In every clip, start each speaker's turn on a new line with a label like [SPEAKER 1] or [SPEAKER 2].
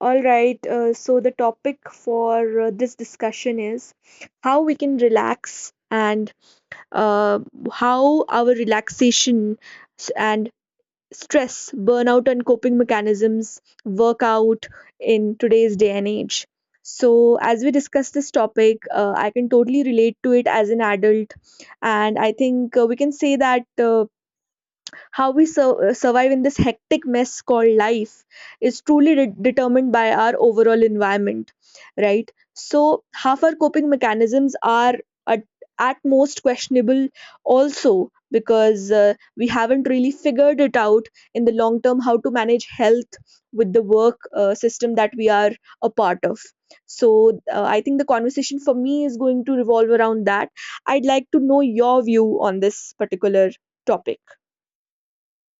[SPEAKER 1] All right, so the topic for this discussion is how we can relax and uh, how our relaxation and stress, burnout, and coping mechanisms work out in today's day and age. So, as we discuss this topic, I can totally relate to it as an adult, and I think we can say that. How we survive in this hectic mess called life is truly determined by our overall environment, right? So, half our coping mechanisms are at, at most questionable, also because we haven't really figured it out in the long term how to manage health with the work system that we are a part of. So, I think the conversation for me is going to revolve around that. I'd like to know your view on this particular topic.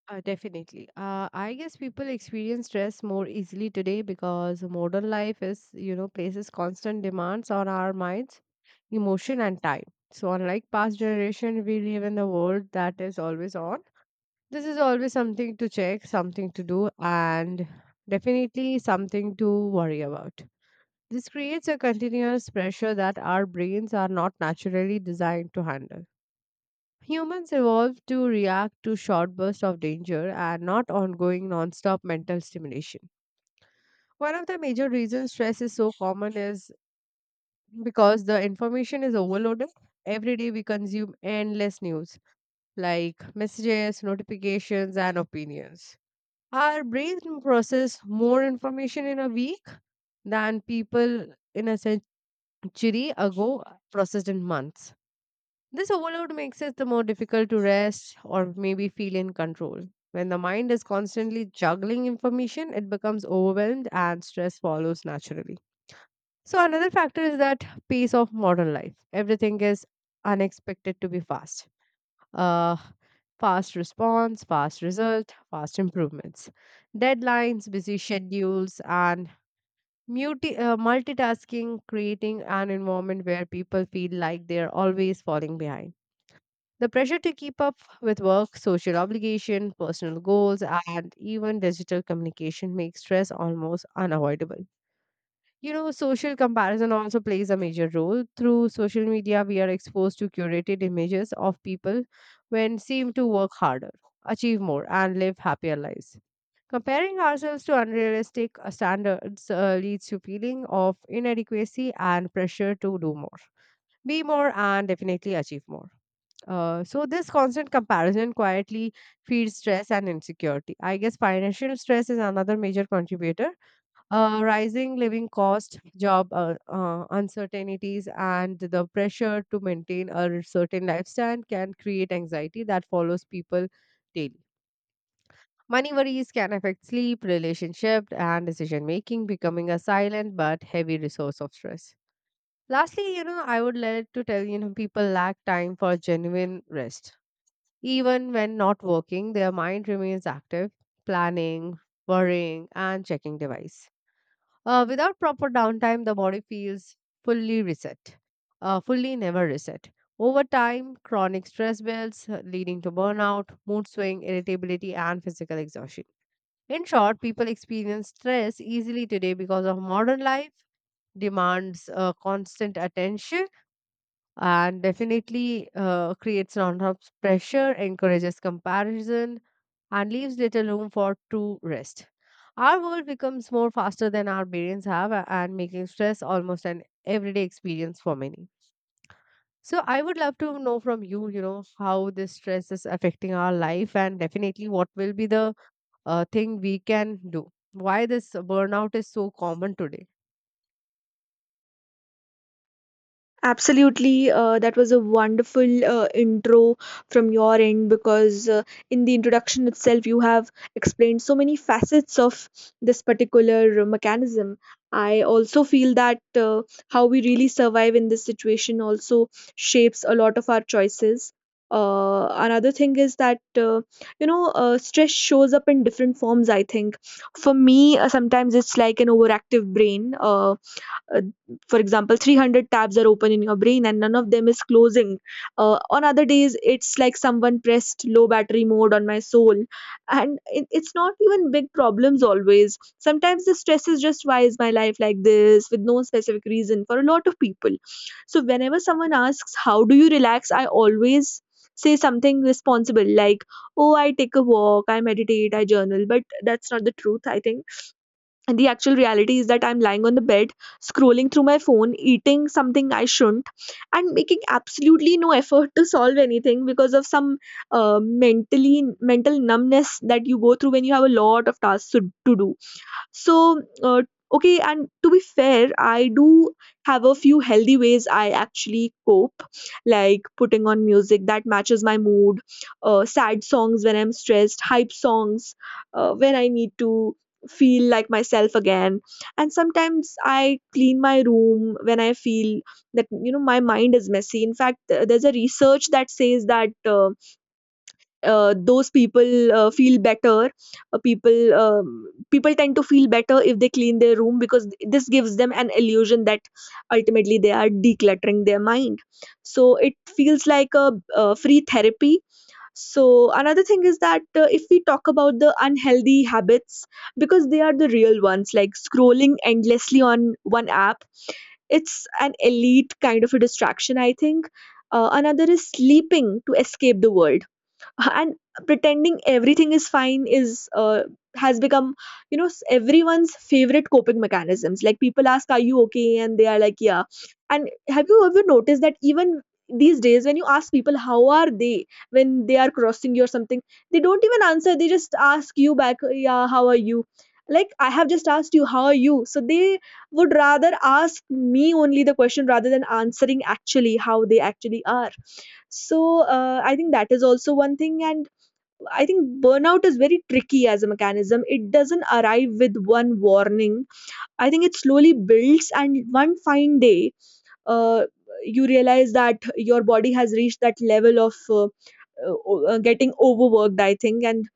[SPEAKER 2] Definitely. I guess people experience stress more easily today because modern life is, you know, places constant demands on our minds, emotion, and time. So unlike past generation, we live in a world that is always on. This is always something to check, something to do, and definitely something to worry about. This creates a continuous pressure that our brains are not naturally designed to handle. Humans evolved to react to short bursts of danger and not ongoing non-stop mental stimulation. One of the major reasons stress is so common is because the information is overloaded. Every day we consume endless news like messages, notifications, and opinions. Our brain process more information in a week than people in a century ago processed in months. This overload makes it the more difficult to rest or maybe feel in control. When the mind is constantly juggling information, it becomes overwhelmed and stress follows naturally. So, another factor is that pace of modern life. Everything is unexpected to be fast. Uh, Fast response, fast result, fast improvements. Deadlines, busy schedules, and multitasking creating an environment where people feel like they're always falling behind. The pressure to keep up with work, social obligation, personal goals, and even digital communication makes stress almost unavoidable. You know, social comparison also plays a major role. Through social media, we are exposed to curated images of people when seem to work harder, achieve more, and live happier lives. Comparing ourselves to unrealistic standards leads to feeling of inadequacy and pressure to do more, be more, and definitely achieve more. So this constant comparison quietly feeds stress and insecurity. I guess financial stress is another major contributor. Rising living cost, job uncertainties, and the pressure to maintain a certain lifestyle can create anxiety that follows people daily. Money worries can affect sleep, relationship, and decision making, becoming a silent but heavy resource of stress. Lastly, you know, I would like to tell you know people lack time for genuine rest even when not working, their mind remains active, planning, worrying, and checking device. Without proper downtime, the body feels fully reset, fully never reset. Over time, chronic stress builds, leading to burnout, mood swing, irritability, and physical exhaustion. In short, people experience stress easily today because of modern life, demands constant attention, and definitely creates non-stop pressure, encourages comparison, and leaves little room for true rest. Our world becomes more faster than our brains have, and making stress almost an everyday experience for many. So, I would love to know from you, you know, how this stress is affecting our life, and definitely what will be the thing we can do. Why this burnout is so common today?
[SPEAKER 1] Absolutely, that was a wonderful intro from your end because in the introduction itself, you have explained so many facets of this particular mechanism. I also feel that how we really survive in this situation also shapes a lot of our choices. Another thing is that stress shows up in different forms. I think for me, sometimes it's like an overactive brain. Uh, for example, 300 tabs are open in your brain and none of them is closing. On other days, it's like someone pressed low battery mode on my soul, and it's not even big problems always. Sometimes the stress is just, why is my life like this, with no specific reason for a lot of people. So whenever someone asks how do you relax, I always say something responsible like, oh, I take a walk, I meditate, I journal. But that's not the truth, I think. And the actual reality is that I'm lying on the bed, scrolling through my phone, eating something I shouldn't, and making absolutely no effort to solve anything because of some mental numbness that you go through when you have a lot of tasks to do. So, okay, and to be fair, I do have a few healthy ways I actually cope, like putting on music that matches my mood, sad songs when I'm stressed, hype songs when I need to feel like myself again. And sometimes I clean my room when I feel that, my mind is messy. In fact, there's a research that says that. Those people feel better. People tend to feel better if they clean their room because this gives them an illusion that ultimately they are decluttering their mind. So it feels like a free therapy. So another thing is that, if we talk about the unhealthy habits, because they are the real ones, like scrolling endlessly on one app, it's an elite kind of a distraction, I think. Another is sleeping to escape the world, and pretending everything is fine is has become, everyone's favorite coping mechanisms. Like, people ask, are you okay, and they are like, yeah. And have you ever noticed that even these days when you ask people how are they, when they are crossing you or something, they don't even answer, they just ask you back, yeah, how are you? Like, I have just asked you how are you, so they would rather ask me only the question rather than answering actually how they actually are. So, I think that is also one thing, and I think burnout is very tricky as a mechanism. It doesn't arrive with one warning. I think it slowly builds, and one fine day, uh, you realize that your body has reached that level of getting overworked, I think. And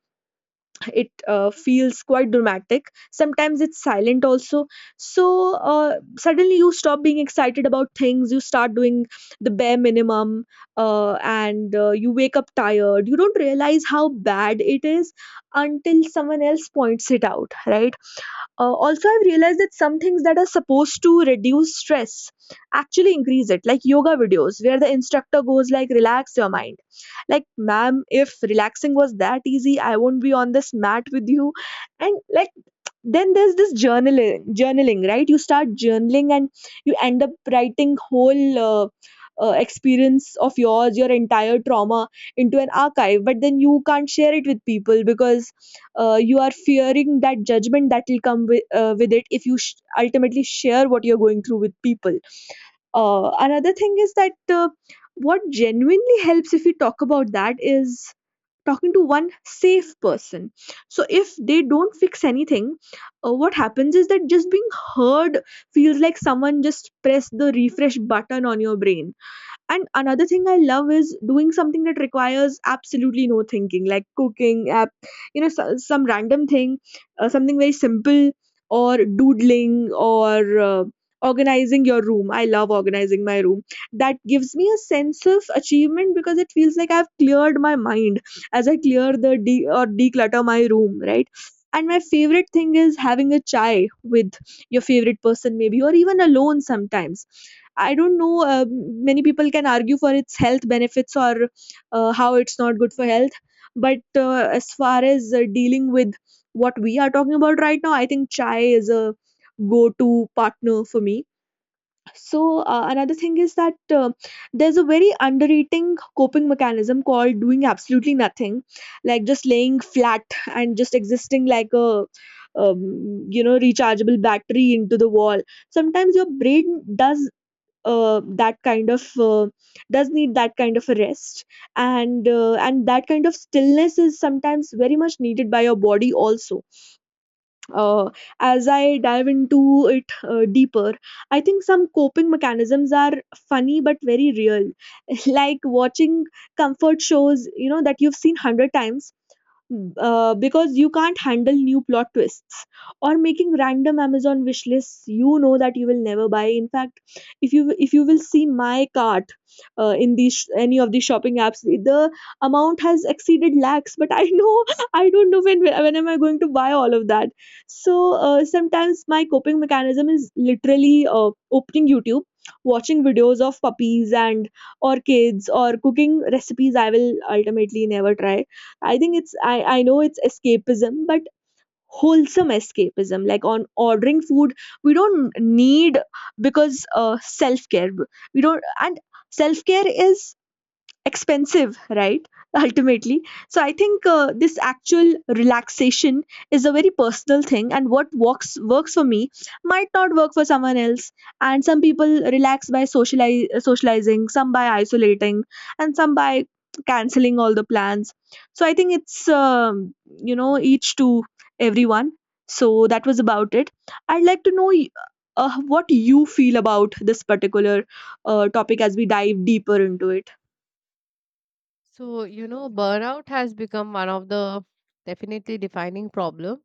[SPEAKER 1] it feels quite dramatic, sometimes it's silent also. So, suddenly you stop being excited about things, you start doing the bare minimum. And you wake up tired, you don't realize how bad it is until someone else points it out, right? Also, I've realized that some things that are supposed to reduce stress actually increase it, like yoga videos where the instructor goes like, "Relax your mind." Like, ma'am, if relaxing was that easy, I won't be on this mat with you. And like, then there's this journaling, right? You start journaling and you end up writing whole experience of yours, your entire trauma, into an archive. But then you can't share it with people because you are fearing that judgment that will come with it if you ultimately share what you're going through with people. Another thing is that, what genuinely helps, if we talk about that, is talking to one safe person. So if they don't fix anything, what happens is that just being heard feels like someone just pressed the refresh button on your brain. And another thing I love is doing something that requires absolutely no thinking, like cooking, app, you know, so, some random thing, something very simple, or doodling, or organizing your room. I love organizing my room. That gives me a sense of achievement because it feels like I've cleared my mind as I clear the or declutter my room, right? And my favorite thing is having a chai with your favorite person, maybe, or even alone sometimes. I don't know. Many people can argue for its health benefits, or how it's not good for health. But as far as dealing with what we are talking about right now, I think chai is a go to partner for me. So, another thing is that, there's a very underrating coping mechanism called doing absolutely nothing, like just laying flat and just existing like a rechargeable battery into the wall. Sometimes your brain does, that kind of, does need that kind of a rest, and that kind of stillness is sometimes very much needed by your body also. uh, as I dive into it deeper, I think some coping mechanisms are funny but very real. Like watching comfort shows, you know, that you've seen 100 times, because you can't handle new plot twists. Or making random Amazon wish lists you know that you will never buy. In fact, if you will see my cart, in these any of the shopping apps, the amount has exceeded lakhs. But I know, I don't know when, am I going to buy all of that. So, sometimes my coping mechanism is literally opening YouTube, watching videos of puppies and or kids or cooking recipes I will ultimately never try. I think it's I know it's escapism, but wholesome escapism. Like on ordering food, we don't need, because self care. We don't, and self care is expensive, right? Ultimately, so I think, this actual relaxation is a very personal thing, and what works works for me might not work for someone else. And some people relax by socializing, some by isolating, and some by canceling all the plans. So I think it's, you know, each to everyone. So that was about it. I'd like to know, what you feel about this particular topic as we dive deeper into it.
[SPEAKER 2] So, you know, burnout has become one of the definitely defining problem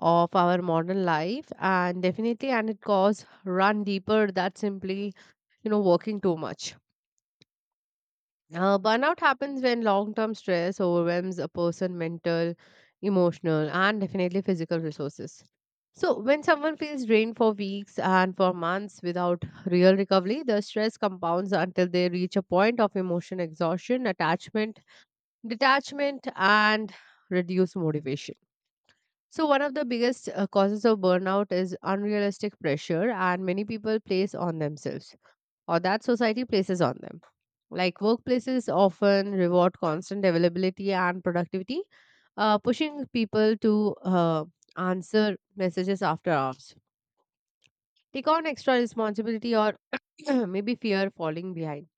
[SPEAKER 2] of our modern life, and definitely, and it cause run deeper that simply you know working too much. Burnout happens when long term stress overwhelms a person mental, emotional, and definitely physical resources. So when someone feels drained for weeks and for months without real recovery, the stress compounds until they reach a point of emotion exhaustion, attachment, detachment, and reduced motivation. So one of the biggest causes of burnout is unrealistic pressure and many people place on themselves or that society places on them. Like workplaces often reward constant availability and productivity, pushing people to answer messages after hours, take on extra responsibility, or maybe fear falling behind.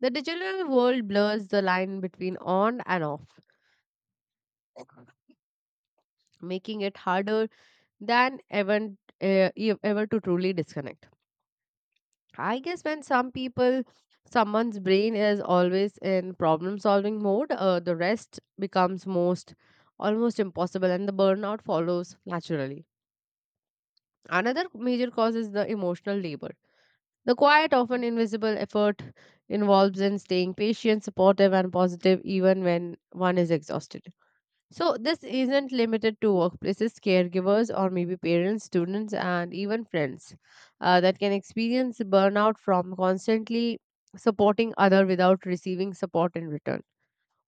[SPEAKER 2] The digital world blurs the line between on and off, making it harder than ever, ever to truly disconnect. I guess when some people, someone's brain is always in problem solving mode, the rest becomes most almost impossible and the burnout follows naturally. Another major cause is the emotional labor. The quiet, often invisible effort involves in staying patient, supportive, and positive even when one is exhausted. So, this isn't limited to workplaces, caregivers, or maybe parents, students, and even friends that can experience burnout from constantly supporting other without receiving support in return.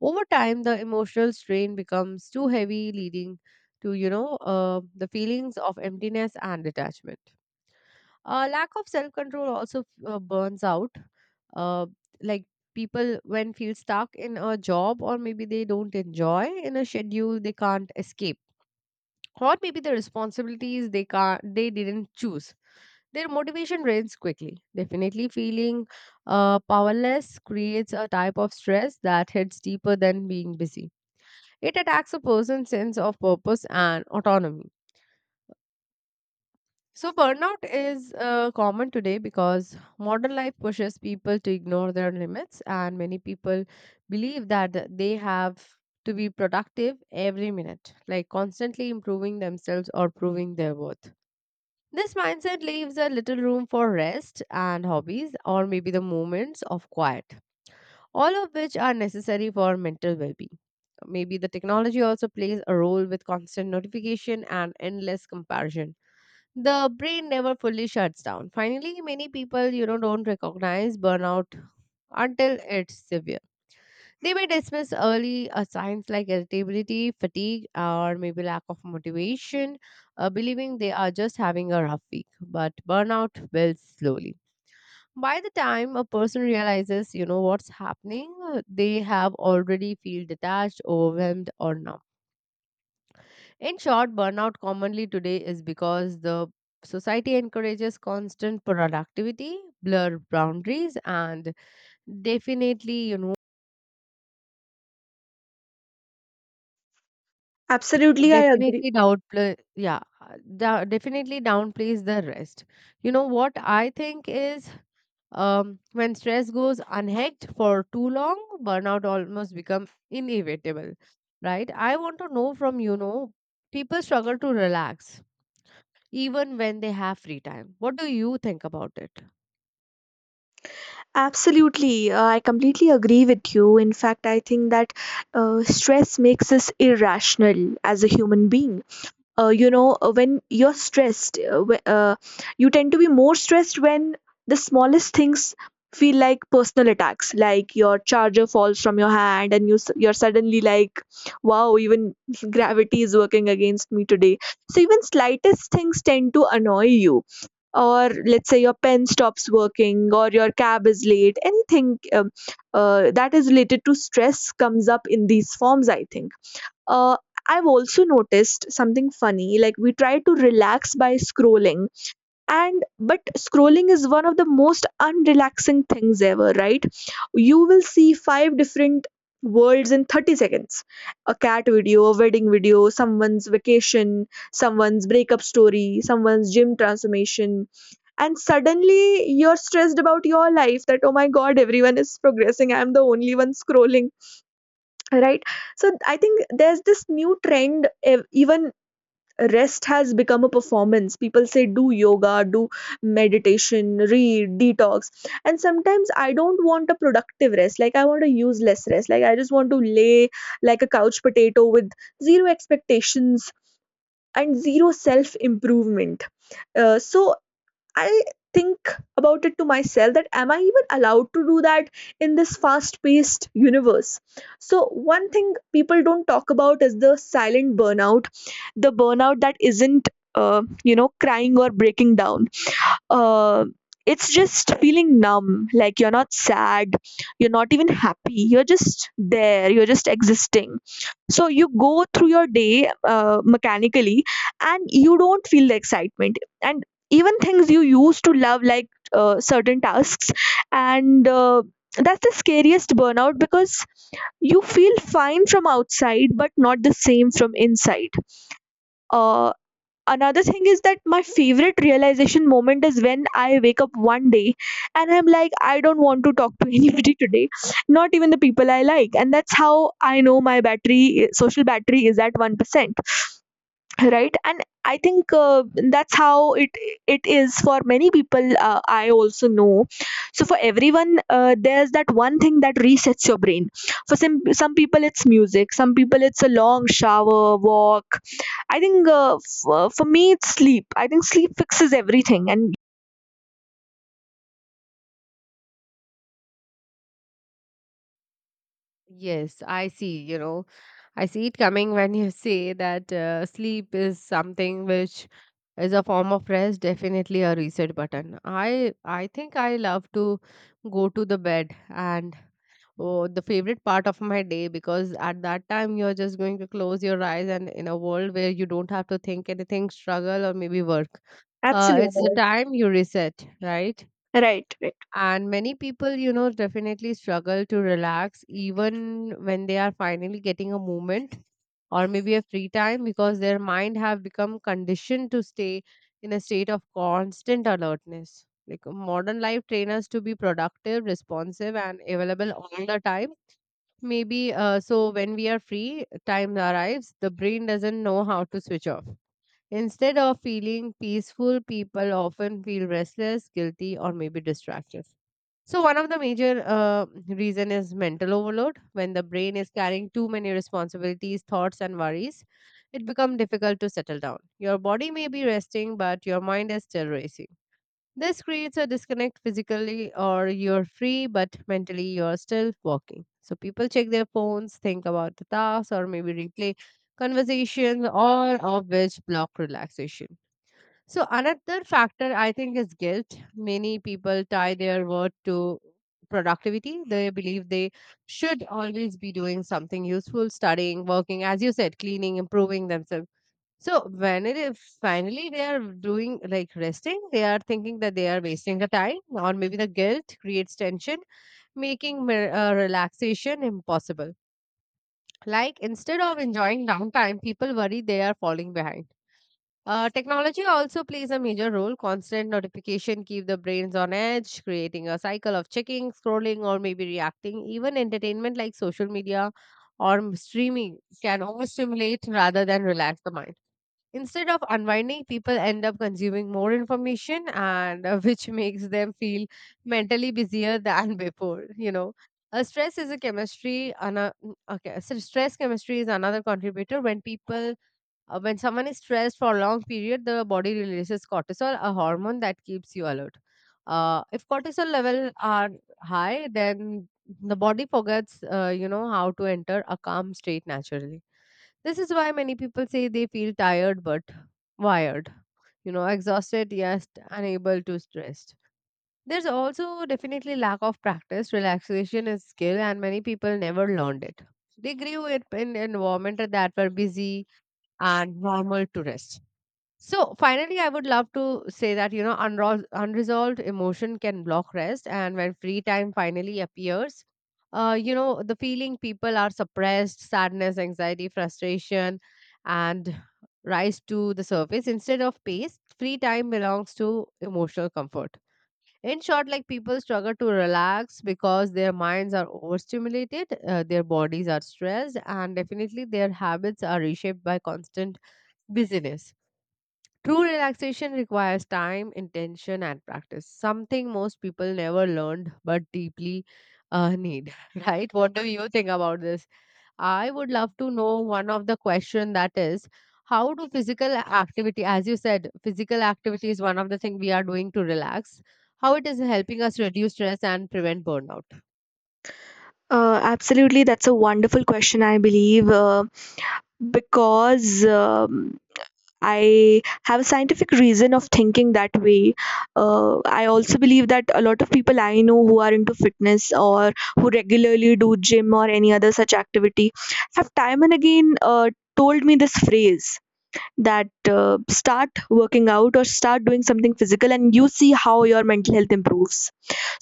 [SPEAKER 2] Over time, the emotional strain becomes too heavy, leading to you know the feelings of emptiness and detachment. Lack of self control also burns out, uh, like people when feel stuck in a job or maybe they don't enjoy in a schedule they can't escape or maybe the responsibilities they didn't choose, their motivation drains quickly. Definitely feeling powerless creates a type of stress that hits deeper than being busy. It attacks a person's sense of purpose and autonomy. So, burnout is common today because modern life pushes people to ignore their limits, and many people believe that they have to be productive every minute, like constantly improving themselves or proving their worth. This mindset leaves a little room for rest and hobbies, or maybe the moments of quiet, all of which are necessary for mental well being. Maybe the technology also plays a role with constant notification and endless comparison the brain never fully shuts down. Finally, many people, you know, don't recognize burnout until it's severe. They may dismiss early signs like irritability, fatigue, or maybe lack of motivation, believing they are just having a rough week. But burnout builds slowly. By the time a person realizes, you know, what's happening, they have already feel detached, overwhelmed, or numb. In short, burnout commonly today is because the society encourages constant productivity, blur boundaries, and definitely, you know,
[SPEAKER 1] Absolutely, I agree.
[SPEAKER 2] definitely downplay, yeah, definitely downplays the rest. You know what I think is when stress goes unhacked for too long, burnout almost becomes inevitable, right? I want to know from you know people struggle to relax even when they have free time. What do you think about it?
[SPEAKER 1] Absolutely, I completely agree with you. In fact, I think that stress makes us irrational as a human being. When you're stressed, you tend to be more stressed when the smallest things feel like personal attacks, like your charger falls from your hand and you're suddenly like, wow, even gravity is working against me today. So even slightest things tend to annoy you, or let's say your pen stops working or your cab is late, anything that is related to stress comes up in these forms, I think. uh, I've also noticed something funny, like we try to relax by scrolling, and but scrolling is one of the most unrelaxing things ever, right? You will see five different worlds in 30 seconds. A cat video, a wedding video, someone's vacation, someone's breakup story, someone's gym transformation. And suddenly you're stressed about your life that, oh my god, everyone is progressing, I'm the only one scrolling, right? So I think there's this new trend, even rest has become a performance. People say, do yoga, do meditation, read detox. And sometimes I don't want a productive rest, like I want a useless rest, like I just want to lay like a couch potato with zero expectations and zero self improvement. So I think about it to myself that, am I even allowed to do that in this fast paced universe? So, one thing people don't talk about is the silent burnout, the burnout that isn't, crying or breaking down. uh, it's just feeling numb, like you're not sad, you're not even happy, you're just there, you're just existing. So you go through your day mechanically, and you don't feel the excitement. And even things you used to love, like certain tasks and That's the scariest burnout, because you feel fine from outside but not the same from inside. uh, Another thing is that my favorite realization moment is when I wake up one day and I'm like, I don't want to talk to anybody today, not even the people I like. And that's how I know my social battery is at 1%. Right. And I think that's how it is for many people. I also know, so for everyone, there's that one thing that resets your brain. For some people it's music, some people it's a long shower, walk. I think for me it's sleep. I think sleep fixes everything. And
[SPEAKER 2] Yes, I see. You know, I see it coming when you say that sleep is something which is a form of rest, definitely a reset button. I think I love to go to the bed and oh, the favorite part of my day because at that time you're just going to close your eyes and in a world where you don't have to think anything, struggle or maybe work. It's the
[SPEAKER 1] absolutely.
[SPEAKER 2] time you reset, right?
[SPEAKER 1] Right, right.
[SPEAKER 2] And many people, you know, definitely struggle to relax even when they are finally getting a moment or maybe a free time because their mind have become conditioned to stay in a state of constant alertness. Like modern life train us to be productive, responsive, and available all the time. Maybe so when we are free, time arrives, the brain doesn't know how to switch off. Instead of feeling peaceful, people often feel restless, guilty, or maybe distracted. So one of the major reason is mental overload. When the brain is carrying too many responsibilities, thoughts, and worries, it becomes difficult to settle down. Your body may be resting, but your mind is still racing. This creates a disconnect physically, or you're free, but mentally you're still walking. So people check their phones, think about the tasks, or maybe replay conversations, all of which block relaxation. So another factor I think is guilt. Many people tie their worth to productivity. They believe they should always be doing something useful, studying, working, as you said, cleaning, improving themselves. So when it is finally they are doing like resting, they are thinking that they are wasting the time, or maybe the guilt creates tension, making relaxation impossible. Like instead of enjoying downtime, people worry they are falling behind. Technology also plays a major role. Constant notification keep the brains on edge, creating a cycle of checking, scrolling, or maybe reacting. Even entertainment like social media or streaming can overstimulate rather than relax the mind. Instead of unwinding, people end up consuming more information, and which makes them feel mentally busier than before. You know, stress is a chemistry. Okay, so stress chemistry is another contributor when people when someone is stressed for a long period, the body releases cortisol, a hormone that keeps you alert. If cortisol levels are high, then the body forgets, you know, how to enter a calm state naturally. This is why many people say they feel tired but wired, you know, exhausted yet unable to stressed. There's also definitely lack of practice. Relaxation is skill, and many people never learned it. They grew up in environment that were busy and normal to rest. So, finally, I would love to say that, you know, unresolved emotion can block rest. And when free time finally appears, you know, the feeling people are suppressed, sadness, anxiety, frustration, and rise to the surface instead of pace. Free time belongs to emotional comfort. In short, like people struggle to relax because their minds are overstimulated, their bodies are stressed, and definitely their habits are reshaped by constant Busyness. True relaxation requires time, intention, and practice, something most people never learned but deeply need, right? What do you think about this? I would love to know one of the question that is how do physical activity, as you said, physical activity is one of the thing we are doing to relax. How it is helping us reduce stress and prevent burnout.
[SPEAKER 1] Absolutely, that's a wonderful question. I believe because um, I have a scientific reason of thinking that way. I also believe that a lot of people I know who are into fitness, or who regularly do gym or any other such activity, have time and again told me this phrase that start working out or start doing something physical and you see how your mental health improves.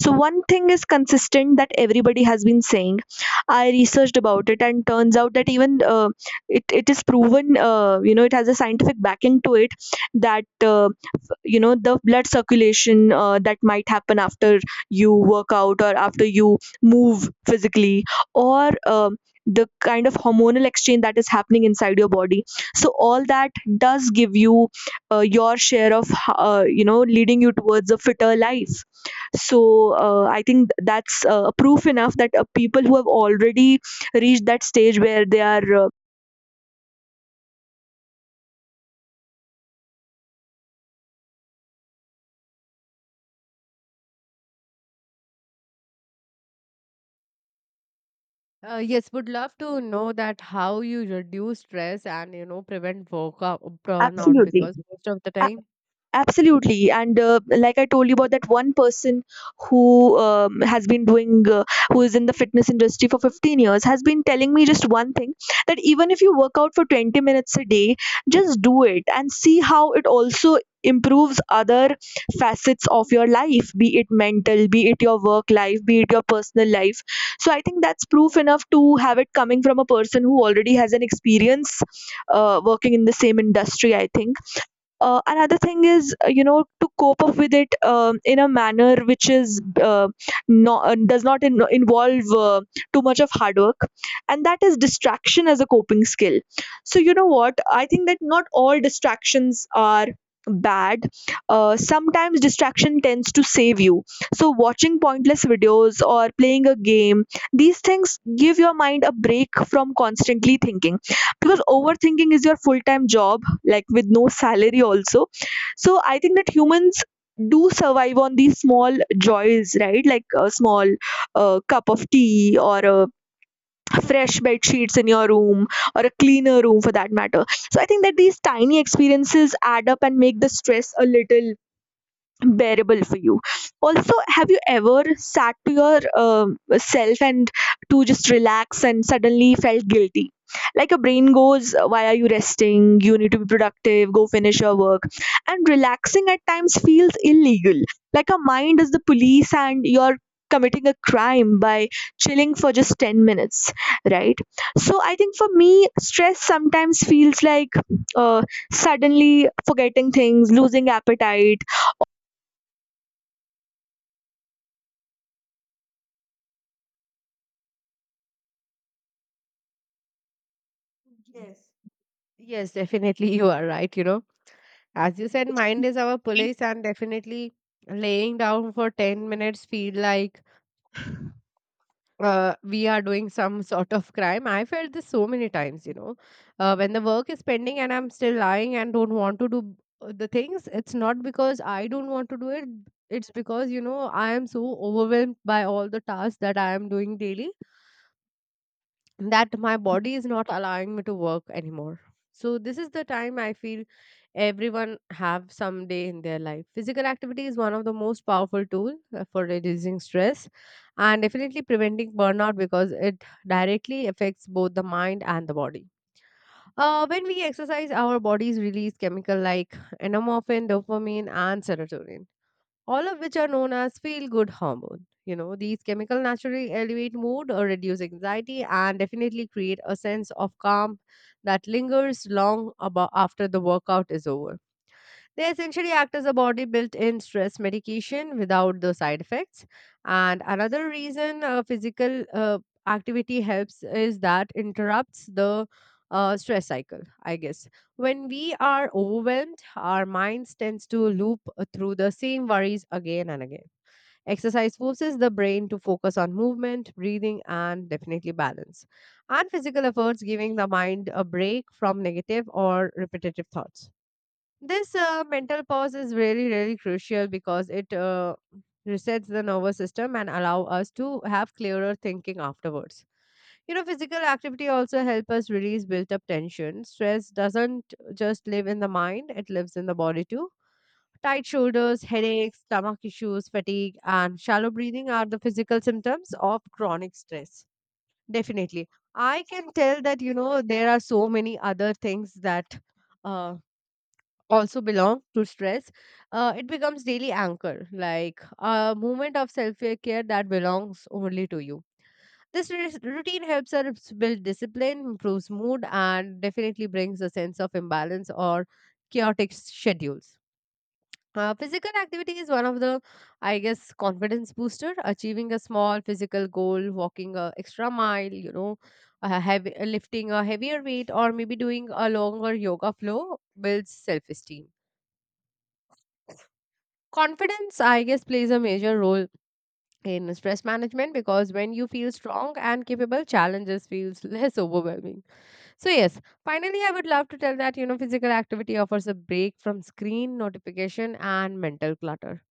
[SPEAKER 1] So one thing is consistent that everybody has been saying. I researched about it, and turns out that even it is proven. You know, it has a scientific backing to it, that you know, the blood circulation that might happen after you work out or after you move physically, or the kind of hormonal exchange that is happening inside your body. So all that does give you your share of, you know, leading you towards a fitter life. So I think that's proof enough that people who have already reached that stage where they are
[SPEAKER 2] Yes, would love to know that how you reduce stress and you know prevent workout burnout
[SPEAKER 1] absolutely.
[SPEAKER 2] because most of the time,
[SPEAKER 1] Absolutely. And like I told you about that one person who has been doing, who is in the fitness industry for 15 years, has been telling me just one thing, that even if you work out for 20 minutes a day, just do it and see how it also improves other facets of your life, be it mental, be it your work life, be it your personal life. So I think that's proof enough to have it coming from a person who already has an experience working in the same industry. I think another thing is, you know, to cope up with it, in a manner which is not does not involve too much of hard work, and that is distraction as a coping skill. So, you know what, I think that not all distractions are bad. Sometimes distraction tends to save you. So watching pointless videos or playing a game, these things give your mind a break from constantly thinking, because overthinking is your full time job, like, with no salary also. So I think that humans do survive on these small joys, right? Like a small cup of tea, or a fresh bed sheets in your room, or a cleaner room for that matter. So I think that these tiny experiences add up and make the stress a little bearable for you. Also, have you ever sat to your self and to just relax and suddenly felt guilty, like a brain goes, why are you resting, you need to be productive, go finish your work. And relaxing at times feels illegal, like a mind is the police and you're committing a crime by chilling for just 10 minutes. Right. So I think for me stress sometimes feels like uh, suddenly forgetting things, losing appetite.
[SPEAKER 2] yes. Yes, definitely you are right. You know, as you said, mind is our police, and definitely laying down for 10 minutes feel like we are doing some sort of crime. I felt this so many times, you know, when the work is pending and I'm still lying and don't want to do the things. It's not because I don't want to do it. It's because, you know, I am so overwhelmed by all the tasks that I am doing daily that my body is not allowing me to work anymore. So, this is the time I feel everyone have some day in their life physical activity is one of the most powerful tool for reducing stress and definitely preventing burnout because it directly affects both the mind and the body. When we exercise, our bodies release chemical like endorphin, dopamine, and serotonin, all of which are known as feel good hormone. You know, these chemical naturally elevate mood or reduce anxiety and definitely create a sense of calm that lingers long about after the workout is over. They essentially act as a body built in stress medication without the side effects. And another reason physical activity helps is that interrupts the stress cycle, I guess. When we are overwhelmed, our minds tends to loop through the same worries again and again. Exercise forces the brain to focus on movement, breathing, and definitely balance. And physical efforts giving the mind a break from negative or repetitive thoughts. This mental pause is really, really crucial because it resets the nervous system and allow us to have clearer thinking afterwards. You know, physical activity also help us release built-up tension. Stress doesn't just live in the mind; it lives in the body too. Tight shoulders, headaches, stomach issues, fatigue, and shallow breathing are the physical symptoms of chronic stress. Definitely, I can tell that you know there are so many other things that uh, also belong to stress. It becomes daily anchor, like a moment of self-care that belongs only to you. This routine helps us build discipline, improves mood, and definitely brings a sense of imbalance or chaotic schedules. Physical activity is one of the, I guess, confidence booster. Achieving a small physical goal, walking a extra mile, you know, lifting a heavier weight, or maybe doing a longer yoga flow builds self-esteem. Confidence, I guess, plays a major role in stress management because when you feel strong and capable, challenges feels less overwhelming. So yes, finally, I would love to tell that you know physical activity offers a break from screen notification and mental clutter.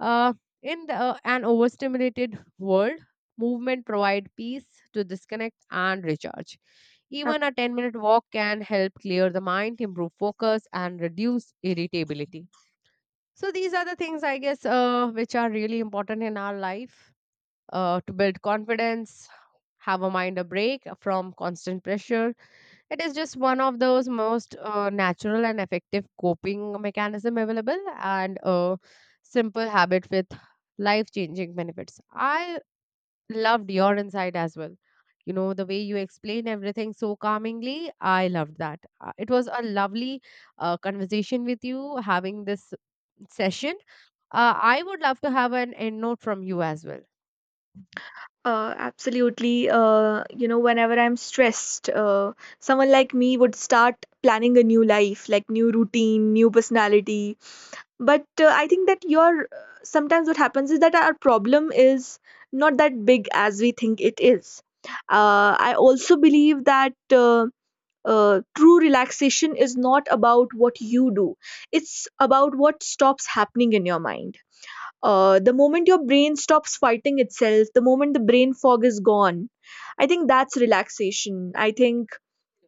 [SPEAKER 2] Uh, in an overstimulated world, movement provide peace to disconnect and recharge. Even a 10-minute walk can help clear the mind, improve focus, and reduce irritability. So these are the things I guess which are really important in our life to build confidence, have a mind a break from constant pressure. It is just one of those most natural and effective coping mechanism available and a simple habit with life changing benefits. I loved your insight as well. You know, the way you explain everything so calmingly, I loved that. It was a lovely conversation with you, having this session. I would love to have an end note from you as well.
[SPEAKER 1] Absolutely. You know, whenever I'm stressed, someone like me would start planning a new life, like new routine, new personality. But I think that your sometimes what happens is that our problem is not that big as we think it is. I also believe that true relaxation is not about what you do; it's about what stops happening in your mind. The moment your brain stops fighting itself, the moment the brain fog is gone, I think that's relaxation. I think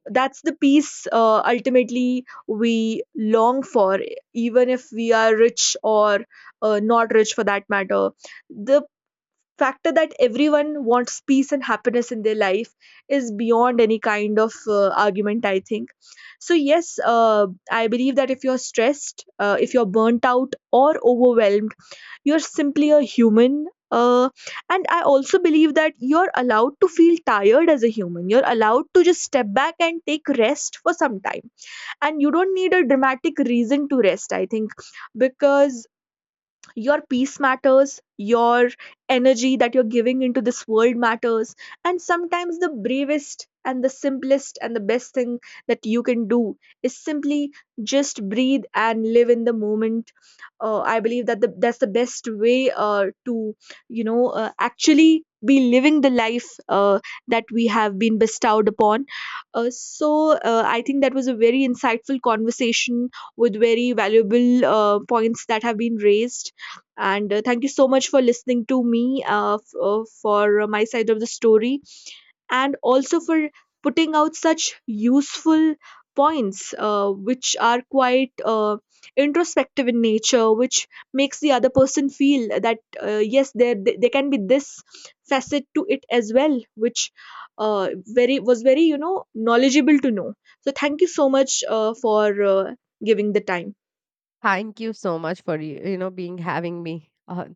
[SPEAKER 1] that's the peace ultimately we long for, even if we are rich, or not rich for that matter. The factor that everyone wants peace and happiness in their life is beyond any kind of argument, I think. So, yes, I believe that if you're stressed, if you're burnt out or overwhelmed, you're simply a human. And I also believe that you're allowed to feel tired as a human. You're allowed to just step back and take rest for some time. And you don't need a dramatic reason to rest, I think, because your peace matters, your energy that you're giving into this world matters. And sometimes the bravest and the simplest and the best thing that you can do is simply just breathe and live in the moment. I believe that that's the best way to, you know, actually be living the life that we have been bestowed upon. So I think that was a very insightful conversation with very valuable points that have been raised. And thank you so much for listening to me, for my side of the story, and also for putting out such useful points which are quite introspective in nature, which makes the other person feel that yes, there can be this facet to it as well, which very was very, you know, knowledgeable to know. So thank you so much for giving the time.
[SPEAKER 2] Thank you so much for you know being having me.